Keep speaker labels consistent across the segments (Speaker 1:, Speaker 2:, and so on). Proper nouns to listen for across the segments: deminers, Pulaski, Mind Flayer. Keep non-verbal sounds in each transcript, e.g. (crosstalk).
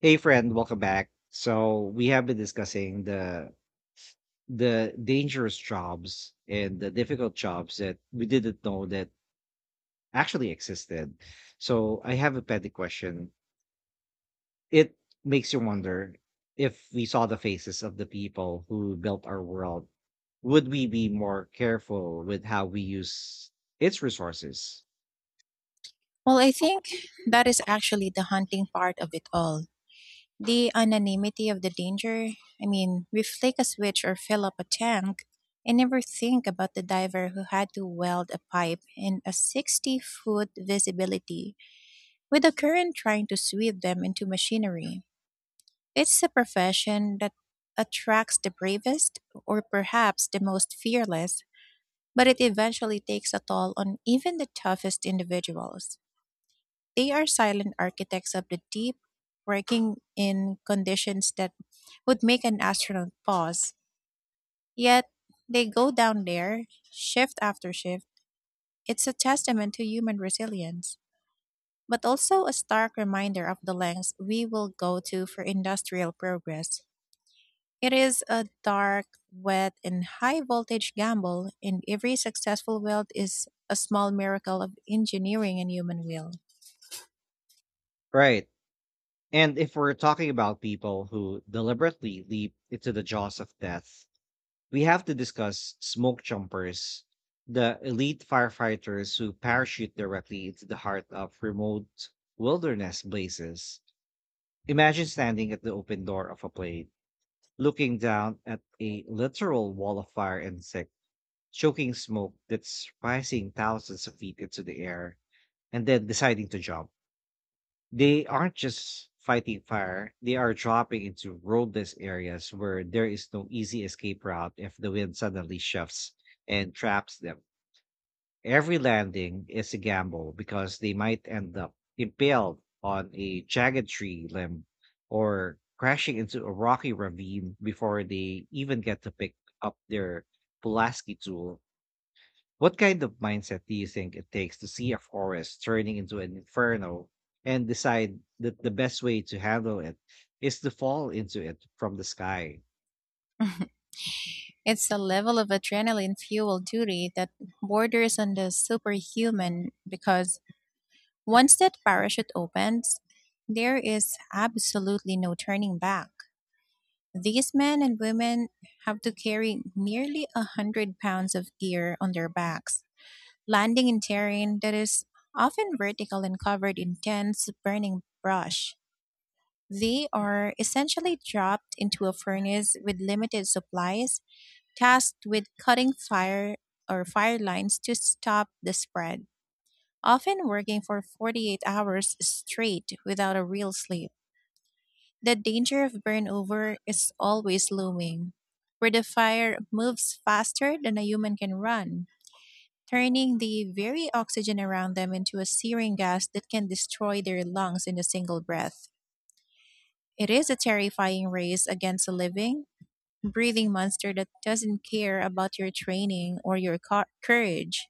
Speaker 1: Hey friend, welcome back. So we have been discussing the dangerous jobs and the difficult jobs that we didn't know that actually existed. So I have a petty question. It makes you wonder, if we saw the faces of the people who built our world, would we be more careful with how we use its resources?
Speaker 2: Well, I think that is actually the haunting part of it all. The anonymity of the danger. I mean, we flick a switch or fill up a tank and never think about the diver who had to weld a pipe in a 60-foot visibility with the current trying to sweep them into machinery. It's a profession that attracts the bravest or perhaps the most fearless, but it eventually takes a toll on even the toughest individuals. They are silent architects of the deep, working in conditions that would make an astronaut pause. Yet they go down there, shift after shift. It's a testament to human resilience, but also a stark reminder of the lengths we will go to for industrial progress. It is a dark, wet, and high voltage gamble, and every successful weld is a small miracle of engineering and human will.
Speaker 1: Right. And if we're talking about people who deliberately leap into the jaws of death, we have to discuss smoke jumpers, the elite firefighters who parachute directly into the heart of remote wilderness blazes. Imagine standing at the open door of a plane, looking down at a literal wall of fire and sick, choking smoke that's rising thousands of feet into the air, and then deciding to jump. They aren't just fighting fire, they are dropping into roadless areas where there is no easy escape route if the wind suddenly shifts and traps them. Every landing is a gamble because they might end up impaled on a jagged tree limb or crashing into a rocky ravine before they even get to pick up their Pulaski tool. What kind of mindset do you think it takes to see a forest turning into an inferno and decide that the best way to handle it is to fall into it from the sky?
Speaker 2: (laughs) It's a level of adrenaline fueled duty that borders on the superhuman because once that parachute opens, there is absolutely no turning back. These men and women have to carry nearly 100 pounds of gear on their backs, landing in terrain that is often vertical and covered in dense, burning brush. They are essentially dropped into a furnace with limited supplies tasked with cutting fire or fire lines to stop the spread, often working for 48 hours straight without a real sleep. The danger of burnover is always looming, where the fire moves faster than a human can run, turning the very oxygen around them into a searing gas that can destroy their lungs in a single breath. It is a terrifying race against the living, breathing monster that doesn't care about your training or your courage.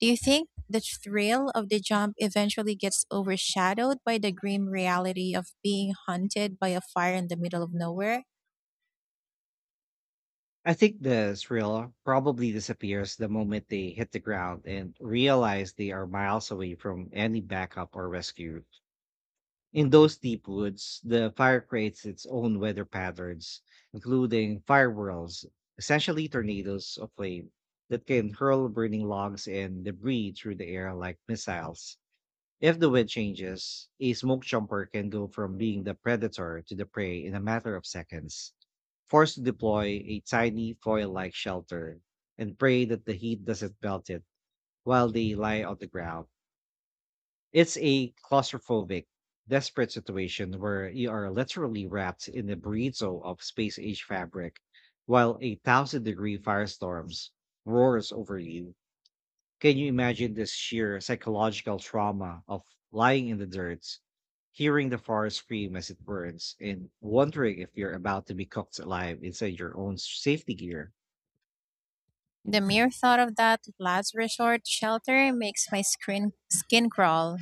Speaker 2: Do you think the thrill of the jump eventually gets overshadowed by the grim reality of being hunted by a fire in the middle of nowhere?
Speaker 1: I think the thrill probably disappears the moment they hit the ground and realize they are miles away from any backup or rescue. In those deep woods, the fire creates its own weather patterns, including fire whirls, essentially tornadoes of flame that can hurl burning logs and debris through the air like missiles. If the wind changes, a smoke jumper can go from being the predator to the prey in a matter of seconds, forced to deploy a tiny foil like shelter and pray that the heat doesn't melt it while they lie on the ground. It's a claustrophobic, desperate situation where you are literally wrapped in the burrito of space age fabric while a 1,000 degree firestorms roars over you. Can you imagine this sheer psychological trauma of lying in the dirt, hearing the forest scream as it burns, and wondering if you're about to be cooked alive inside your own safety gear?
Speaker 2: The mere thought of that last resort shelter makes my skin crawl,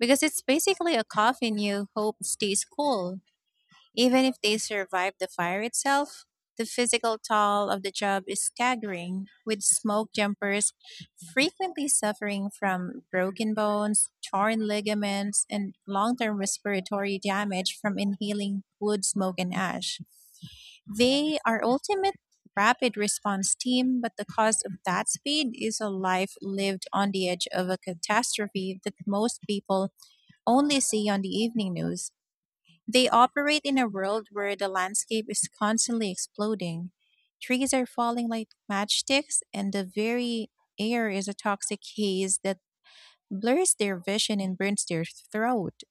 Speaker 2: because it's basically a coffin you hope stays cool. Even if they survive the fire itself, the physical toll of the job is staggering, with smoke jumpers frequently suffering from broken bones, torn ligaments, and long term respiratory damage from inhaling wood smoke and ash. They are ultimate rapid response team, but the cost of that speed is a life lived on the edge of a catastrophe that most people only see on the evening news. They operate in a world where the landscape is constantly exploding. Trees are falling like matchsticks, and the very air is a toxic haze that blurs their vision and burns their throat.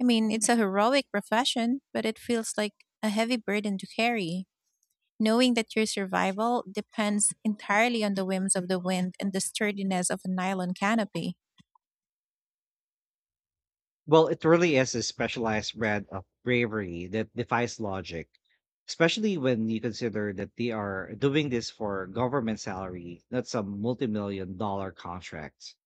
Speaker 2: I mean, it's a heroic profession, but it feels like a heavy burden to carry. Knowing that your survival depends entirely on the whims of the wind and the sturdiness of a nylon canopy.
Speaker 1: Well, it really is a specialized brand of bravery that defies logic, especially when you consider that they are doing this for government salary, not some multi-million dollar contracts.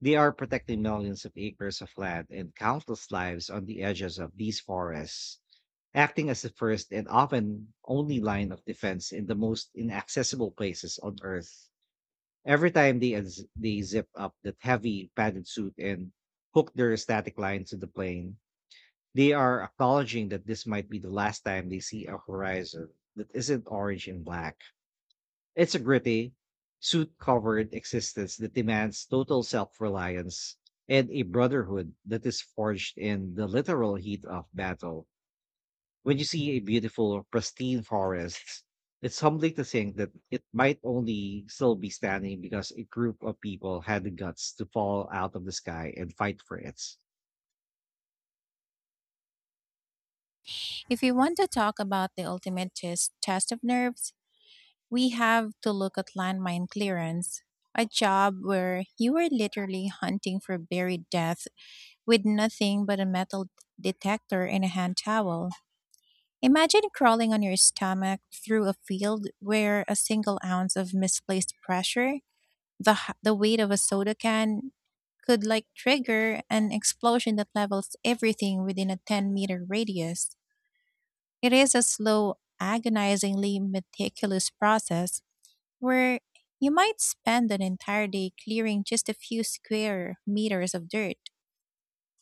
Speaker 1: They are protecting millions of acres of land and countless lives on the edges of these forests, acting as the first and often only line of defense in the most inaccessible places on Earth. Every time they zip up that heavy padded suit and hook their static line to the plane, they are acknowledging that this might be the last time they see a horizon that isn't orange and black. It's a gritty, soot covered existence that demands total self reliance and a brotherhood that is forged in the literal heat of battle. When you see a beautiful, pristine forest, it's humbling to think that it might only still be standing because a group of people had the guts to fall out of the sky and fight for it.
Speaker 2: If you want to talk about the ultimate test of nerves, we have to look at landmine clearance, a job where you were literally hunting for buried death with nothing but a metal detector and a hand towel. Imagine crawling on your stomach through a field where a single ounce of misplaced pressure, the weight of a soda can, could like trigger an explosion that levels everything within a 10-meter radius. It is a slow, agonizingly meticulous process where you might spend an entire day clearing just a few square meters of dirt,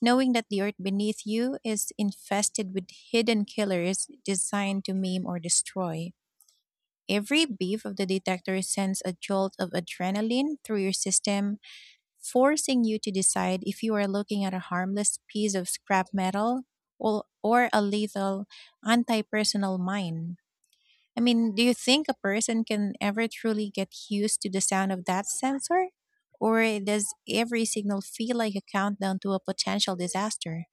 Speaker 2: knowing that the earth beneath you is infested with hidden killers designed to maim or destroy. Every beep of the detector sends a jolt of adrenaline through your system, forcing you to decide if you are looking at a harmless piece of scrap metal or a lethal anti personal mine. I mean, do you think a person can ever truly get used to the sound of that sensor? Or does every signal feel like a countdown to a potential disaster?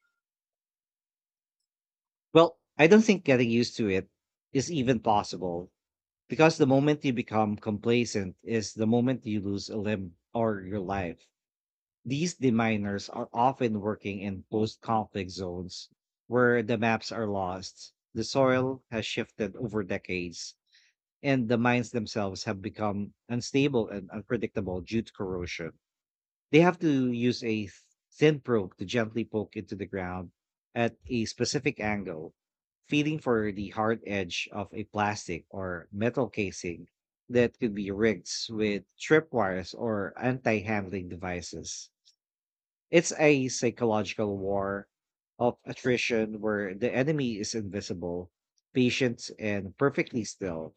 Speaker 1: Well, I don't think getting used to it is even possible, because the moment you become complacent is the moment you lose a limb or your life. These deminers are often working in post conflict zones where the maps are lost, the soil has shifted over decades, and the mines themselves have become unstable and unpredictable due to corrosion. They have to use a thin probe to gently poke into the ground at a specific angle, feeling for the hard edge of a plastic or metal casing that could be rigged with tripwires or anti handling devices. It's a psychological war of attrition where the enemy is invisible, patient, and perfectly still,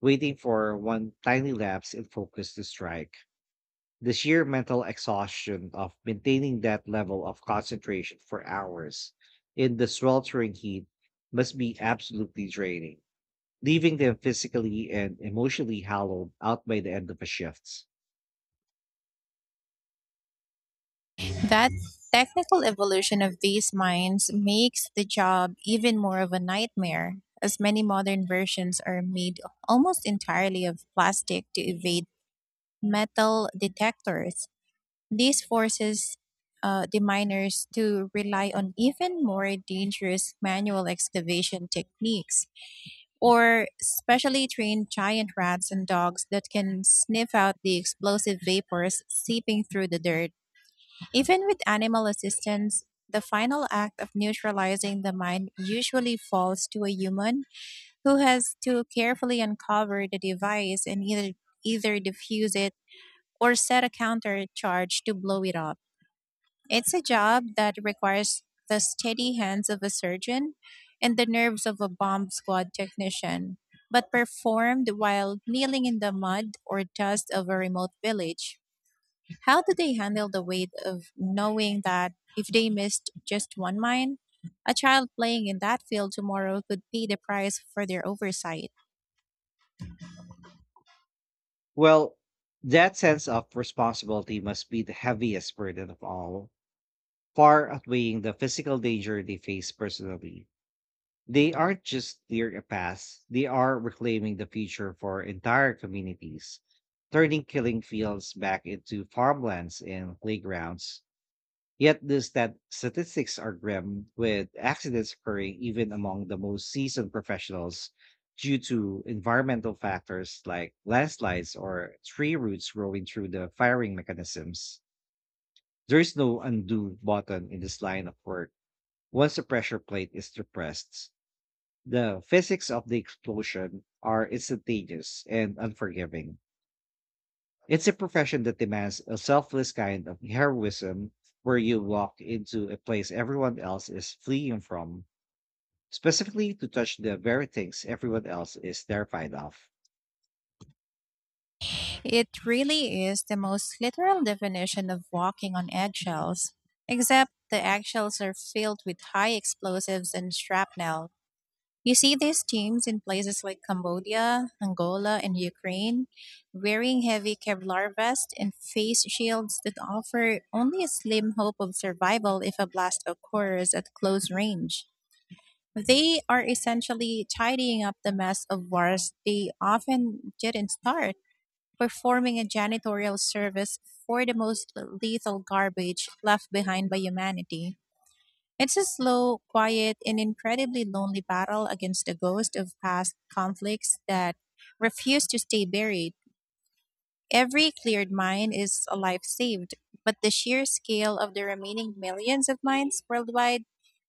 Speaker 1: waiting for one tiny lapse in focus to strike. The sheer mental exhaustion of maintaining that level of concentration for hours in the sweltering heat must be absolutely draining, leaving them physically and emotionally hollowed out by the end of a shift.
Speaker 2: That technical evolution of these mines makes the job even more of a nightmare, as many modern versions are made almost entirely of plastic to evade metal detectors. This forces the miners to rely on even more dangerous manual excavation techniques or specially trained giant rats and dogs that can sniff out the explosive vapors seeping through the dirt. Even with animal assistance, the final act of neutralizing the mine usually falls to a human who has to carefully uncover the device and either defuse it or set a counter charge to blow it off. It's a job that requires the steady hands of a surgeon and the nerves of a bomb squad technician, but performed while kneeling in the mud or dust of a remote village. How do they handle the weight of knowing that if they missed just one mine, a child playing in that field tomorrow could pay the price for their oversight?
Speaker 1: Well, that sense of responsibility must be the heaviest burden of all, far outweighing the physical danger they face personally. They aren't just clearing a path, they are reclaiming the future for entire communities, turning killing fields back into farmlands and playgrounds. Yet the statistics are grim, with accidents occurring even among the most seasoned professionals due to environmental factors like landslides or tree roots growing through the firing mechanisms. There is no undo button in this line of work once the pressure plate is depressed. The physics of the explosion are instantaneous and unforgiving. It's a profession that demands a selfless kind of heroism, where you walk into a place everyone else is fleeing from, specifically to touch the very things everyone else is terrified of.
Speaker 2: It really is the most literal definition of walking on eggshells, except the eggshells are filled with high explosives and shrapnel. You see these teams in places like Cambodia, Angola, and Ukraine, wearing heavy Kevlar vests and face shields that offer only a slim hope of survival if a blast occurs at close range. They are essentially tidying up the mess of wars they often didn't start, performing a janitorial service for the most lethal garbage left behind by humanity. It's a slow, quiet, and incredibly lonely battle against the ghost of past conflicts that refuse to stay buried. Every cleared mine is a life saved, but the sheer scale of the remaining millions of mines worldwide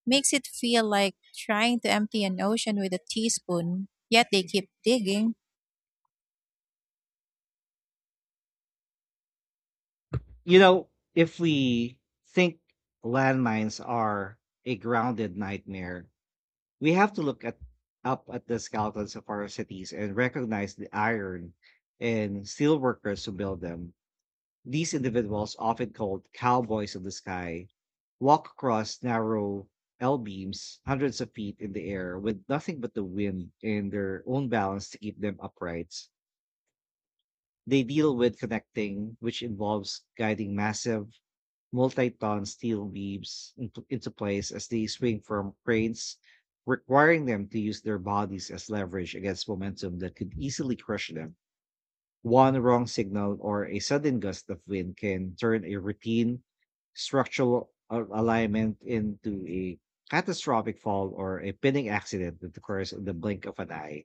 Speaker 2: makes it feel like trying to empty an ocean with a teaspoon, yet they keep digging.
Speaker 1: You know, if we think landmines are a grounded nightmare, we have to look at, up at the skeletons of our cities, and recognize the iron and steel workers who build them. These individuals, often called cowboys of the sky, walk across narrow L beams hundreds of feet in the air with nothing but the wind and their own balance to keep them upright. They deal with connecting, which involves guiding massive multi-ton steel beams into place as they swing from cranes, requiring them to use their bodies as leverage against momentum that could easily crush them. One wrong signal or a sudden gust of wind can turn a routine structural alignment into a catastrophic fall or a pinning accident that occurs in the blink of an eye.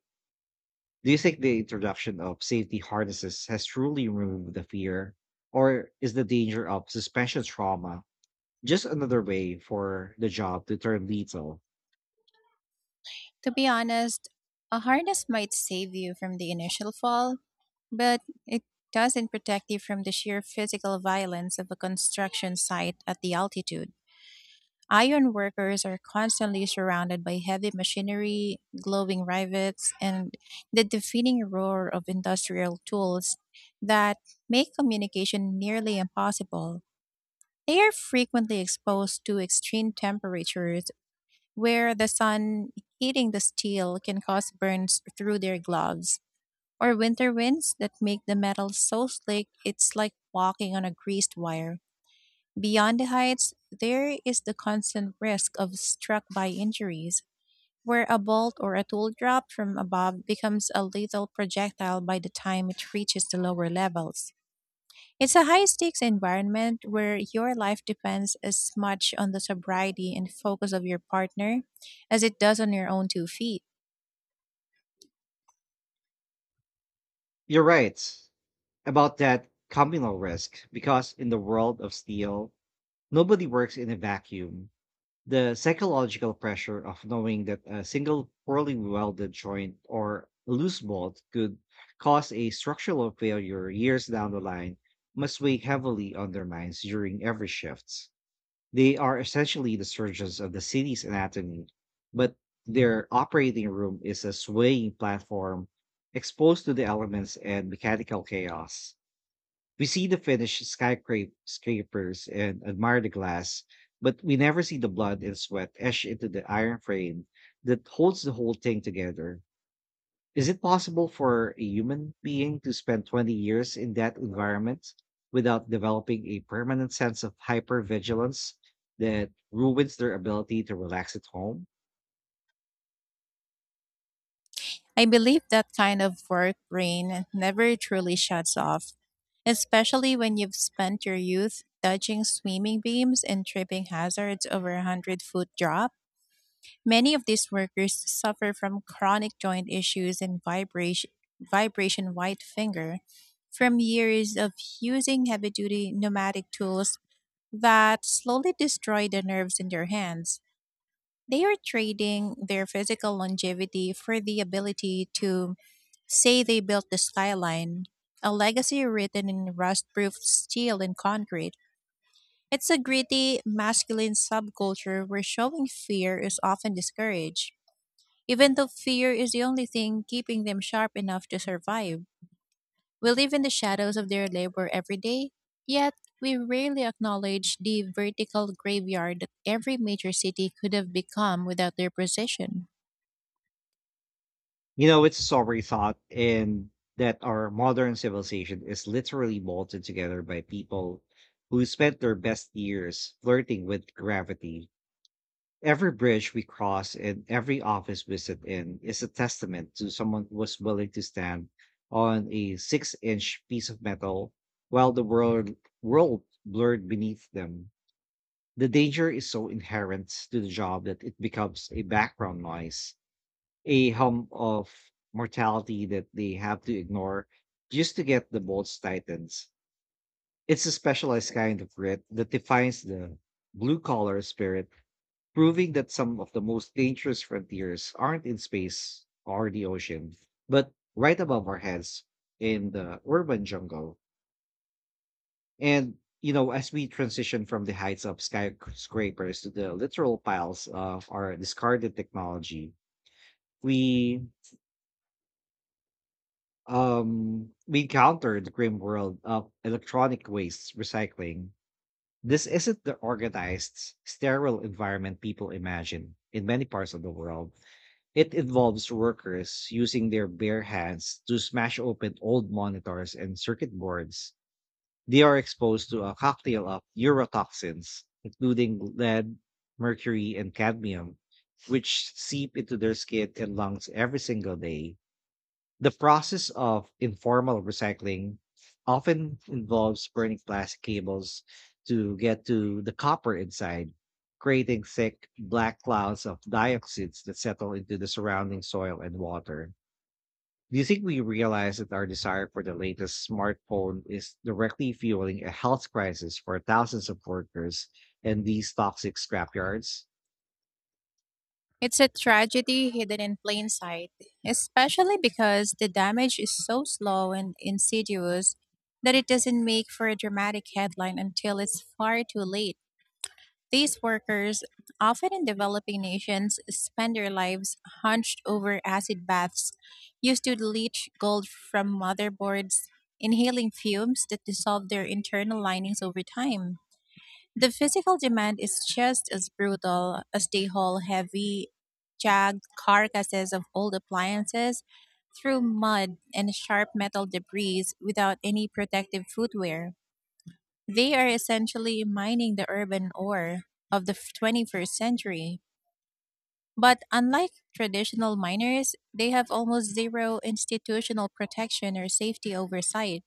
Speaker 1: Do you think the introduction of safety harnesses has truly removed the fear, or is the danger of suspension trauma just another way for the job to turn lethal?
Speaker 2: To be honest, a harness might save you from the initial fall, but it doesn't protect you from the sheer physical violence of a construction site at the altitude. Iron workers are constantly surrounded by heavy machinery, glowing rivets, and the deafening roar of industrial tools that make communication nearly impossible. They are frequently exposed to extreme temperatures where the sun heating the steel can cause burns through their gloves, or winter winds that make the metal so slick it's like walking on a greased wire. Beyond the heights, there is the constant risk of struck by injuries, where a bolt or a tool dropped from above becomes a lethal projectile by the time it reaches the lower levels. It's a high stakes environment where your life depends as much on the sobriety and focus of your partner as it does on your own two feet.
Speaker 1: You're right about that communal risk, because in the world of steel, nobody works in a vacuum. The psychological pressure of knowing that a single poorly welded joint or loose bolt could cause a structural failure years down the line must weigh heavily on their minds during every shift. They are essentially the surgeons of the city's anatomy, but their operating room is a swaying platform exposed to the elements and mechanical chaos. We see the finished skyscrapers and admire the glass, but we never see the blood and sweat etched into the iron frame that holds the whole thing together. Is it possible for a human being to spend 20 years in that environment without developing a permanent sense of hypervigilance that ruins their ability to relax at home?
Speaker 2: I believe that kind of work brain never truly shuts off, especially when you've spent your youth dodging swimming beams and tripping hazards over a hundred-foot drop. Many of these workers suffer from chronic joint issues and vibration white finger from years of using heavy duty pneumatic tools that slowly destroy the nerves in their hands. They are trading their physical longevity for the ability to say they built the skyline, a legacy written in rust proof steel and concrete. It's a gritty, masculine subculture where showing fear is often discouraged. Even though fear is the only thing keeping them sharp enough to survive, we live in the shadows of their labor every day, yet we rarely acknowledge the vertical graveyard that every major city could have become without their precision.
Speaker 1: You know, it's sobering thought in that our modern civilization is literally bolted together by people who spent their best years flirting with gravity. Every bridge we cross and every office we sit in is a testament to someone who was willing to stand on a 6-inch piece of metal while the world blurred beneath them. The danger is so inherent to the job that it becomes a background noise, a hum of mortality that they have to ignore just to get the bolts tightened. It's a specialized kind of grit that defines the blue collar spirit, proving that some of the most dangerous frontiers aren't in space or the ocean, but right above our heads in the urban jungle. And, you know, as we transition from the heights of skyscrapers to the literal piles of our discarded technology, we we encountered the grim world of electronic waste recycling. This isn't the organized sterile environment people imagine. In many parts of the world, it involves workers using their bare hands to smash open old monitors and circuit boards. They are exposed to a cocktail of neurotoxins, including lead, mercury, and cadmium, which seep into their skin and lungs every single day. The process of informal recycling often involves burning plastic cables to get to the copper inside, creating thick black clouds of dioxins that settle into the surrounding soil and water. Do you think we realize that our desire for the latest smartphone is directly fueling a health crisis for thousands of workers in these toxic scrapyards?
Speaker 2: It's a tragedy hidden in plain sight, especially because the damage is so slow and insidious that it doesn't make for a dramatic headline until it's far too late. These workers, often in developing nations, spend their lives hunched over acid baths, used to leach gold from motherboards, inhaling fumes that dissolve their internal linings over time. The physical demand is just as brutal, as they haul heavy, jagged carcasses of old appliances through mud and sharp metal debris without any protective footwear. They are essentially mining the urban ore of the 21st century. But unlike traditional miners, they have almost zero institutional protection or safety oversight.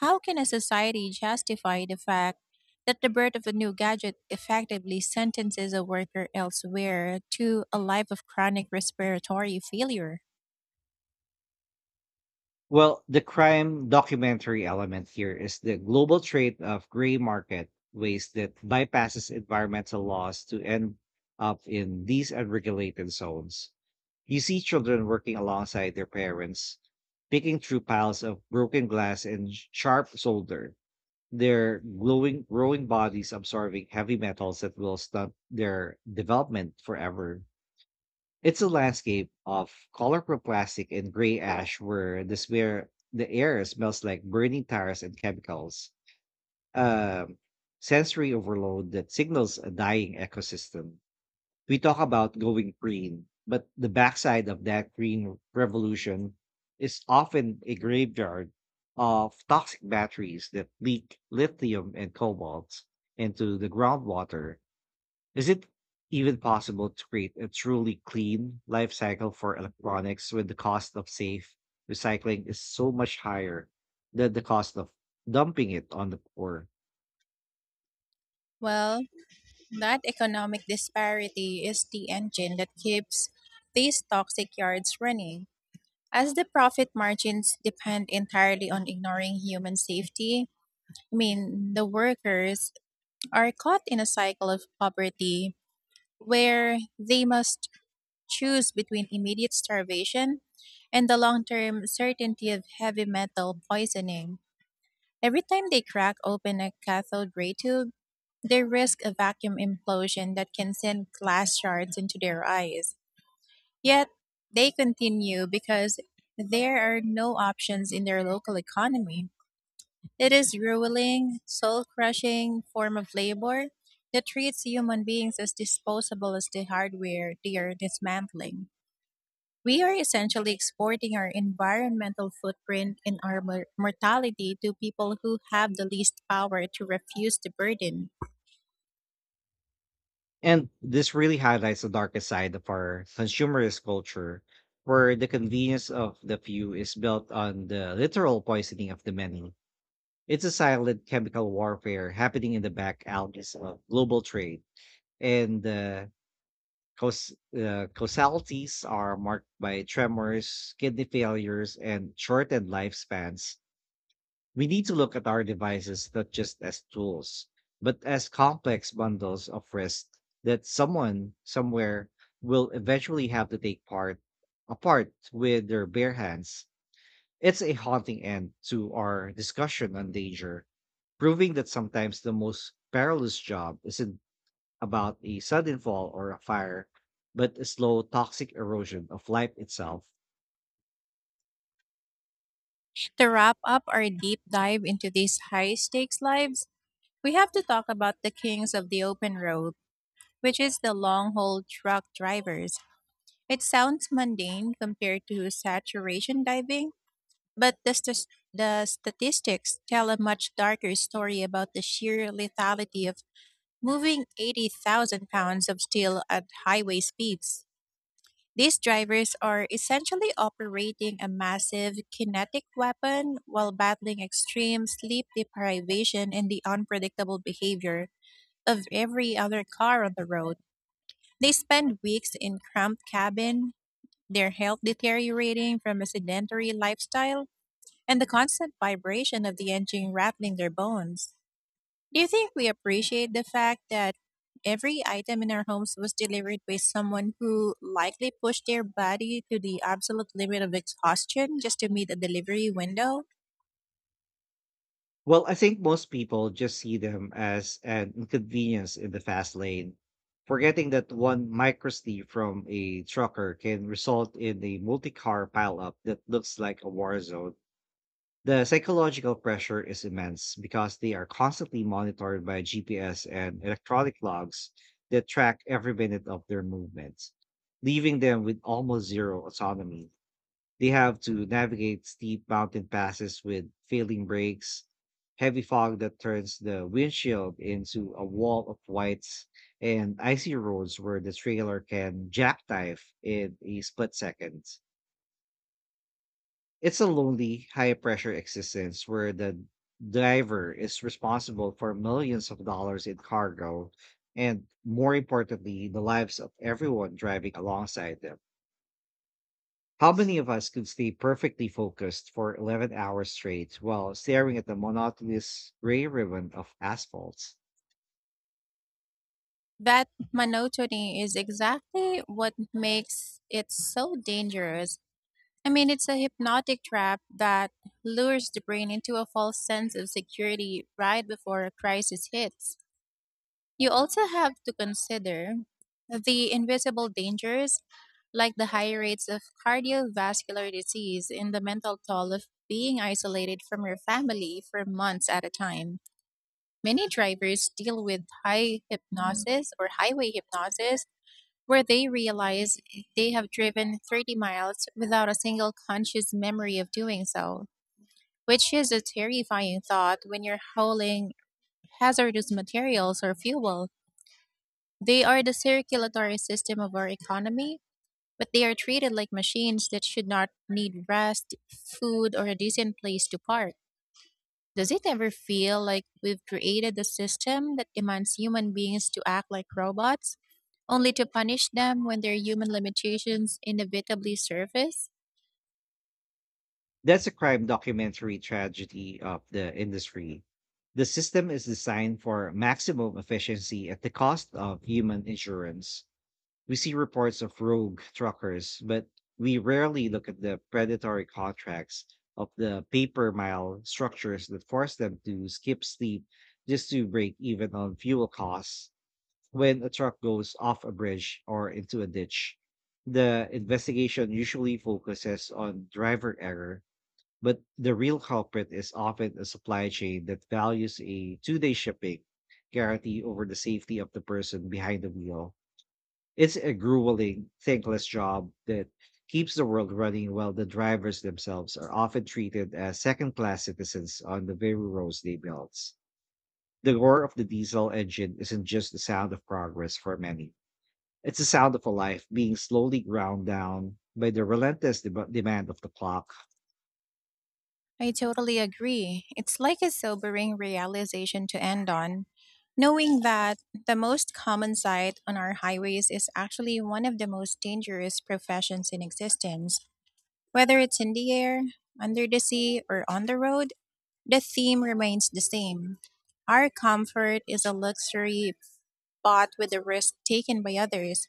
Speaker 2: How can a society justify the fact that the birth of a new gadget effectively sentences a worker elsewhere to a life of chronic respiratory failure?
Speaker 1: Well, the crime documentary element here is the global trade of gray market waste that bypasses environmental laws to end up in these unregulated zones. You see children working alongside their parents, picking through piles of broken glass and sharp solder, their glowing, growing bodies absorbing heavy metals that will stunt their development forever. It's a landscape of colorful plastic and gray ash, where the air smells like burning tires and chemicals. Um, Sensory overload that signals a dying ecosystem. We talk about going green, but the backside of that green revolution is often a graveyard of toxic batteries that leak lithium and cobalt into the groundwater. Is it even possible to create a truly clean life cycle for electronics when the cost of safe recycling is so much higher than the cost of dumping it on the poor?
Speaker 2: Well, that economic disparity is the engine that keeps these toxic yards running. As the profit margins depend entirely on ignoring human safety, I mean, the workers are caught in a cycle of poverty where they must choose between immediate starvation and the long term certainty of heavy metal poisoning. Every time they crack open a cathode ray tube, they risk a vacuum implosion that can send glass shards into their eyes. Yet they continue because there are no options in their local economy. It is grueling, soul crushing form of labor that treats human beings as disposable as the hardware they are dismantling. We are essentially exporting our environmental footprint and our mortality to people who have the least power to refuse the burden.
Speaker 1: And this really highlights the darkest side of our consumerist culture, where the convenience of the few is built on the literal poisoning of the many. It's a silent chemical warfare happening in the back alleys of global trade, and causalities are marked by tremors, kidney failures, and shortened lifespans. We need to look at our devices not just as tools, but as complex bundles of risk that someone somewhere will eventually have to take part apart with their bare hands. It's a haunting end to our discussion on danger, proving that sometimes the most perilous job is in about a sudden fall or a fire, but a slow toxic erosion of life itself.
Speaker 2: To wrap up our deep dive into these high stakes lives, we have to talk about the kings of the open road, which is the long haul truck drivers. It sounds mundane compared to saturation diving, but the statistics tell a much darker story about the sheer lethality of moving 80,000 pounds of steel at highway speeds. These drivers are essentially operating a massive kinetic weapon while battling extreme sleep deprivation and the unpredictable behavior of every other car on the road. They spend weeks in cramped cabin, their health deteriorating from a sedentary lifestyle, and the constant vibration of the engine rattling their bones. Do you think we appreciate the fact that every item in our homes was delivered by someone who likely pushed their body to the absolute limit of exhaustion just to meet a delivery window?
Speaker 1: Well, I think most people just see them as an inconvenience in the fast lane, forgetting that one microsleeve from a trucker can result in a multi-car pileup that looks like a war zone. The psychological pressure is immense because they are constantly monitored by GPS and electronic logs that track every minute of their movements, leaving them with almost zero autonomy. They have to navigate steep mountain passes with failing brakes, heavy fog that turns the windshield into a wall of whites, and icy roads where the trailer can jackknife in a split second. It's a lonely, high pressure existence where the driver is responsible for millions of dollars in cargo and, more importantly, the lives of everyone driving alongside them. How many of us could stay perfectly focused for 11 hours straight while staring at the monotonous gray ribbon of asphalt?
Speaker 2: That monotony is exactly what makes it so dangerous. I mean, it's a hypnotic trap that lures the brain into a false sense of security right before a crisis hits. You also have to consider the invisible dangers, like the high rates of cardiovascular disease and the mental toll of being isolated from your family for months at a time. Many drivers deal with high hypnosis or highway hypnosis where they realize they have driven 30 miles without a single conscious memory of doing so, which is a terrifying thought when you're hauling hazardous materials or fuel. They are the circulatory system of our economy, but they are treated like machines that should not need rest, food, or a decent place to park. Does it ever feel like we've created a system that demands human beings to act like robots, only to punish them when their human limitations inevitably surface?
Speaker 1: That's a crime documentary tragedy of the industry. The system is designed for maximum efficiency at the cost of human insurance. We see reports of rogue truckers, but we rarely look at the predatory contracts of the paper mile structures that force them to skip sleep just to break even on fuel costs. When a truck goes off a bridge or into a ditch, the investigation usually focuses on driver error, but the real culprit is often a supply chain that values a 2 day shipping guarantee over the safety of the person behind the wheel. It's a grueling, thankless job that keeps the world running while the drivers themselves are often treated as second class citizens on the very roads they built. The roar of the diesel engine isn't just the sound of progress for many. It's the sound of a life being slowly ground down by the relentless demand of the clock.
Speaker 2: I totally agree. It's like a sobering realization to end on, knowing that the most common sight on our highways is actually one of the most dangerous professions in existence. Whether it's in the air, under the sea, or on the road, the theme remains the same. Our comfort is a luxury bought with the risk taken by others.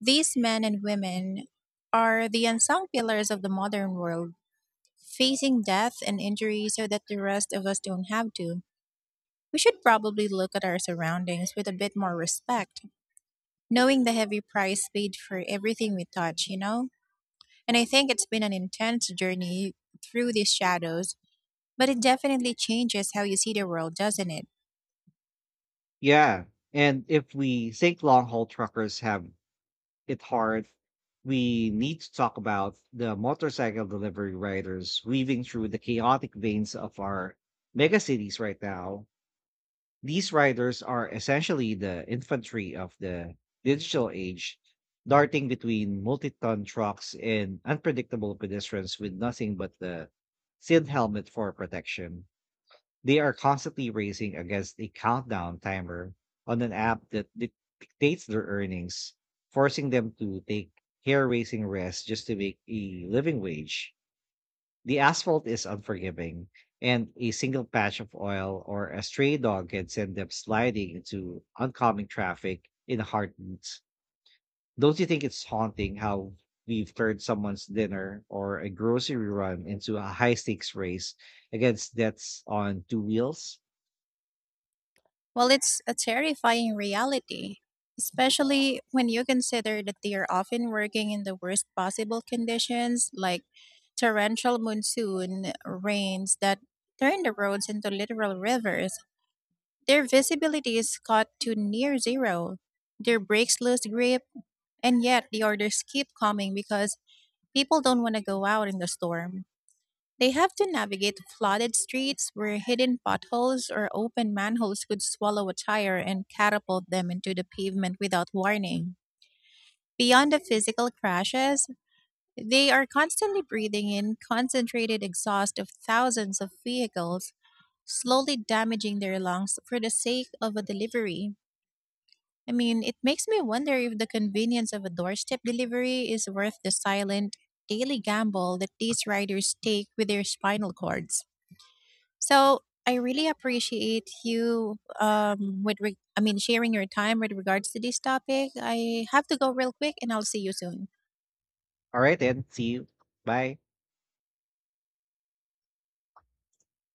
Speaker 2: These men and women are the unsung pillars of the modern world, facing death and injury so that the rest of us don't have to. We should probably look at our surroundings with a bit more respect, knowing the heavy price paid for everything we touch, you know? And I think it's been an intense journey through these shadows, but it definitely changes how you see the world, doesn't it?
Speaker 1: Yeah. And if we think long haul truckers have it hard, we need to talk about the motorcycle delivery riders weaving through the chaotic veins of our megacities right now. These riders are essentially the infantry of the digital age, darting between multi ton trucks and unpredictable pedestrians with nothing but the SID helmet for protection. They are constantly racing against a countdown timer on an app that dictates their earnings, forcing them to take hair raising rest just to make a living wage. The asphalt is unforgiving, and a single patch of oil or a stray dog can send them sliding into oncoming traffic in a heartbeat. Don't you think it's haunting how we've turned someone's dinner or a grocery run into a high stakes race against deaths on two wheels?
Speaker 2: Well, it's a terrifying reality, especially when you consider that they are often working in the worst possible conditions, like torrential monsoon rains that turn the roads into literal rivers. Their visibility is cut to near zero. Their brakes lose grip, and yet the orders keep coming because people don't want to go out in the storm. They have to navigate flooded streets where hidden potholes or open manholes could swallow a tire and catapult them into the pavement without warning. Beyond the physical crashes, they are constantly breathing in concentrated exhaust of thousands of vehicles, slowly damaging their lungs for the sake of a delivery. I mean, it makes me wonder if the convenience of a doorstep delivery is worth the silent, daily gamble that these riders take with their spinal cords. So I really appreciate you with re- I mean sharing your time with regards to this topic. I have to go real quick and I'll see you soon.
Speaker 1: All right, then. See you. Bye.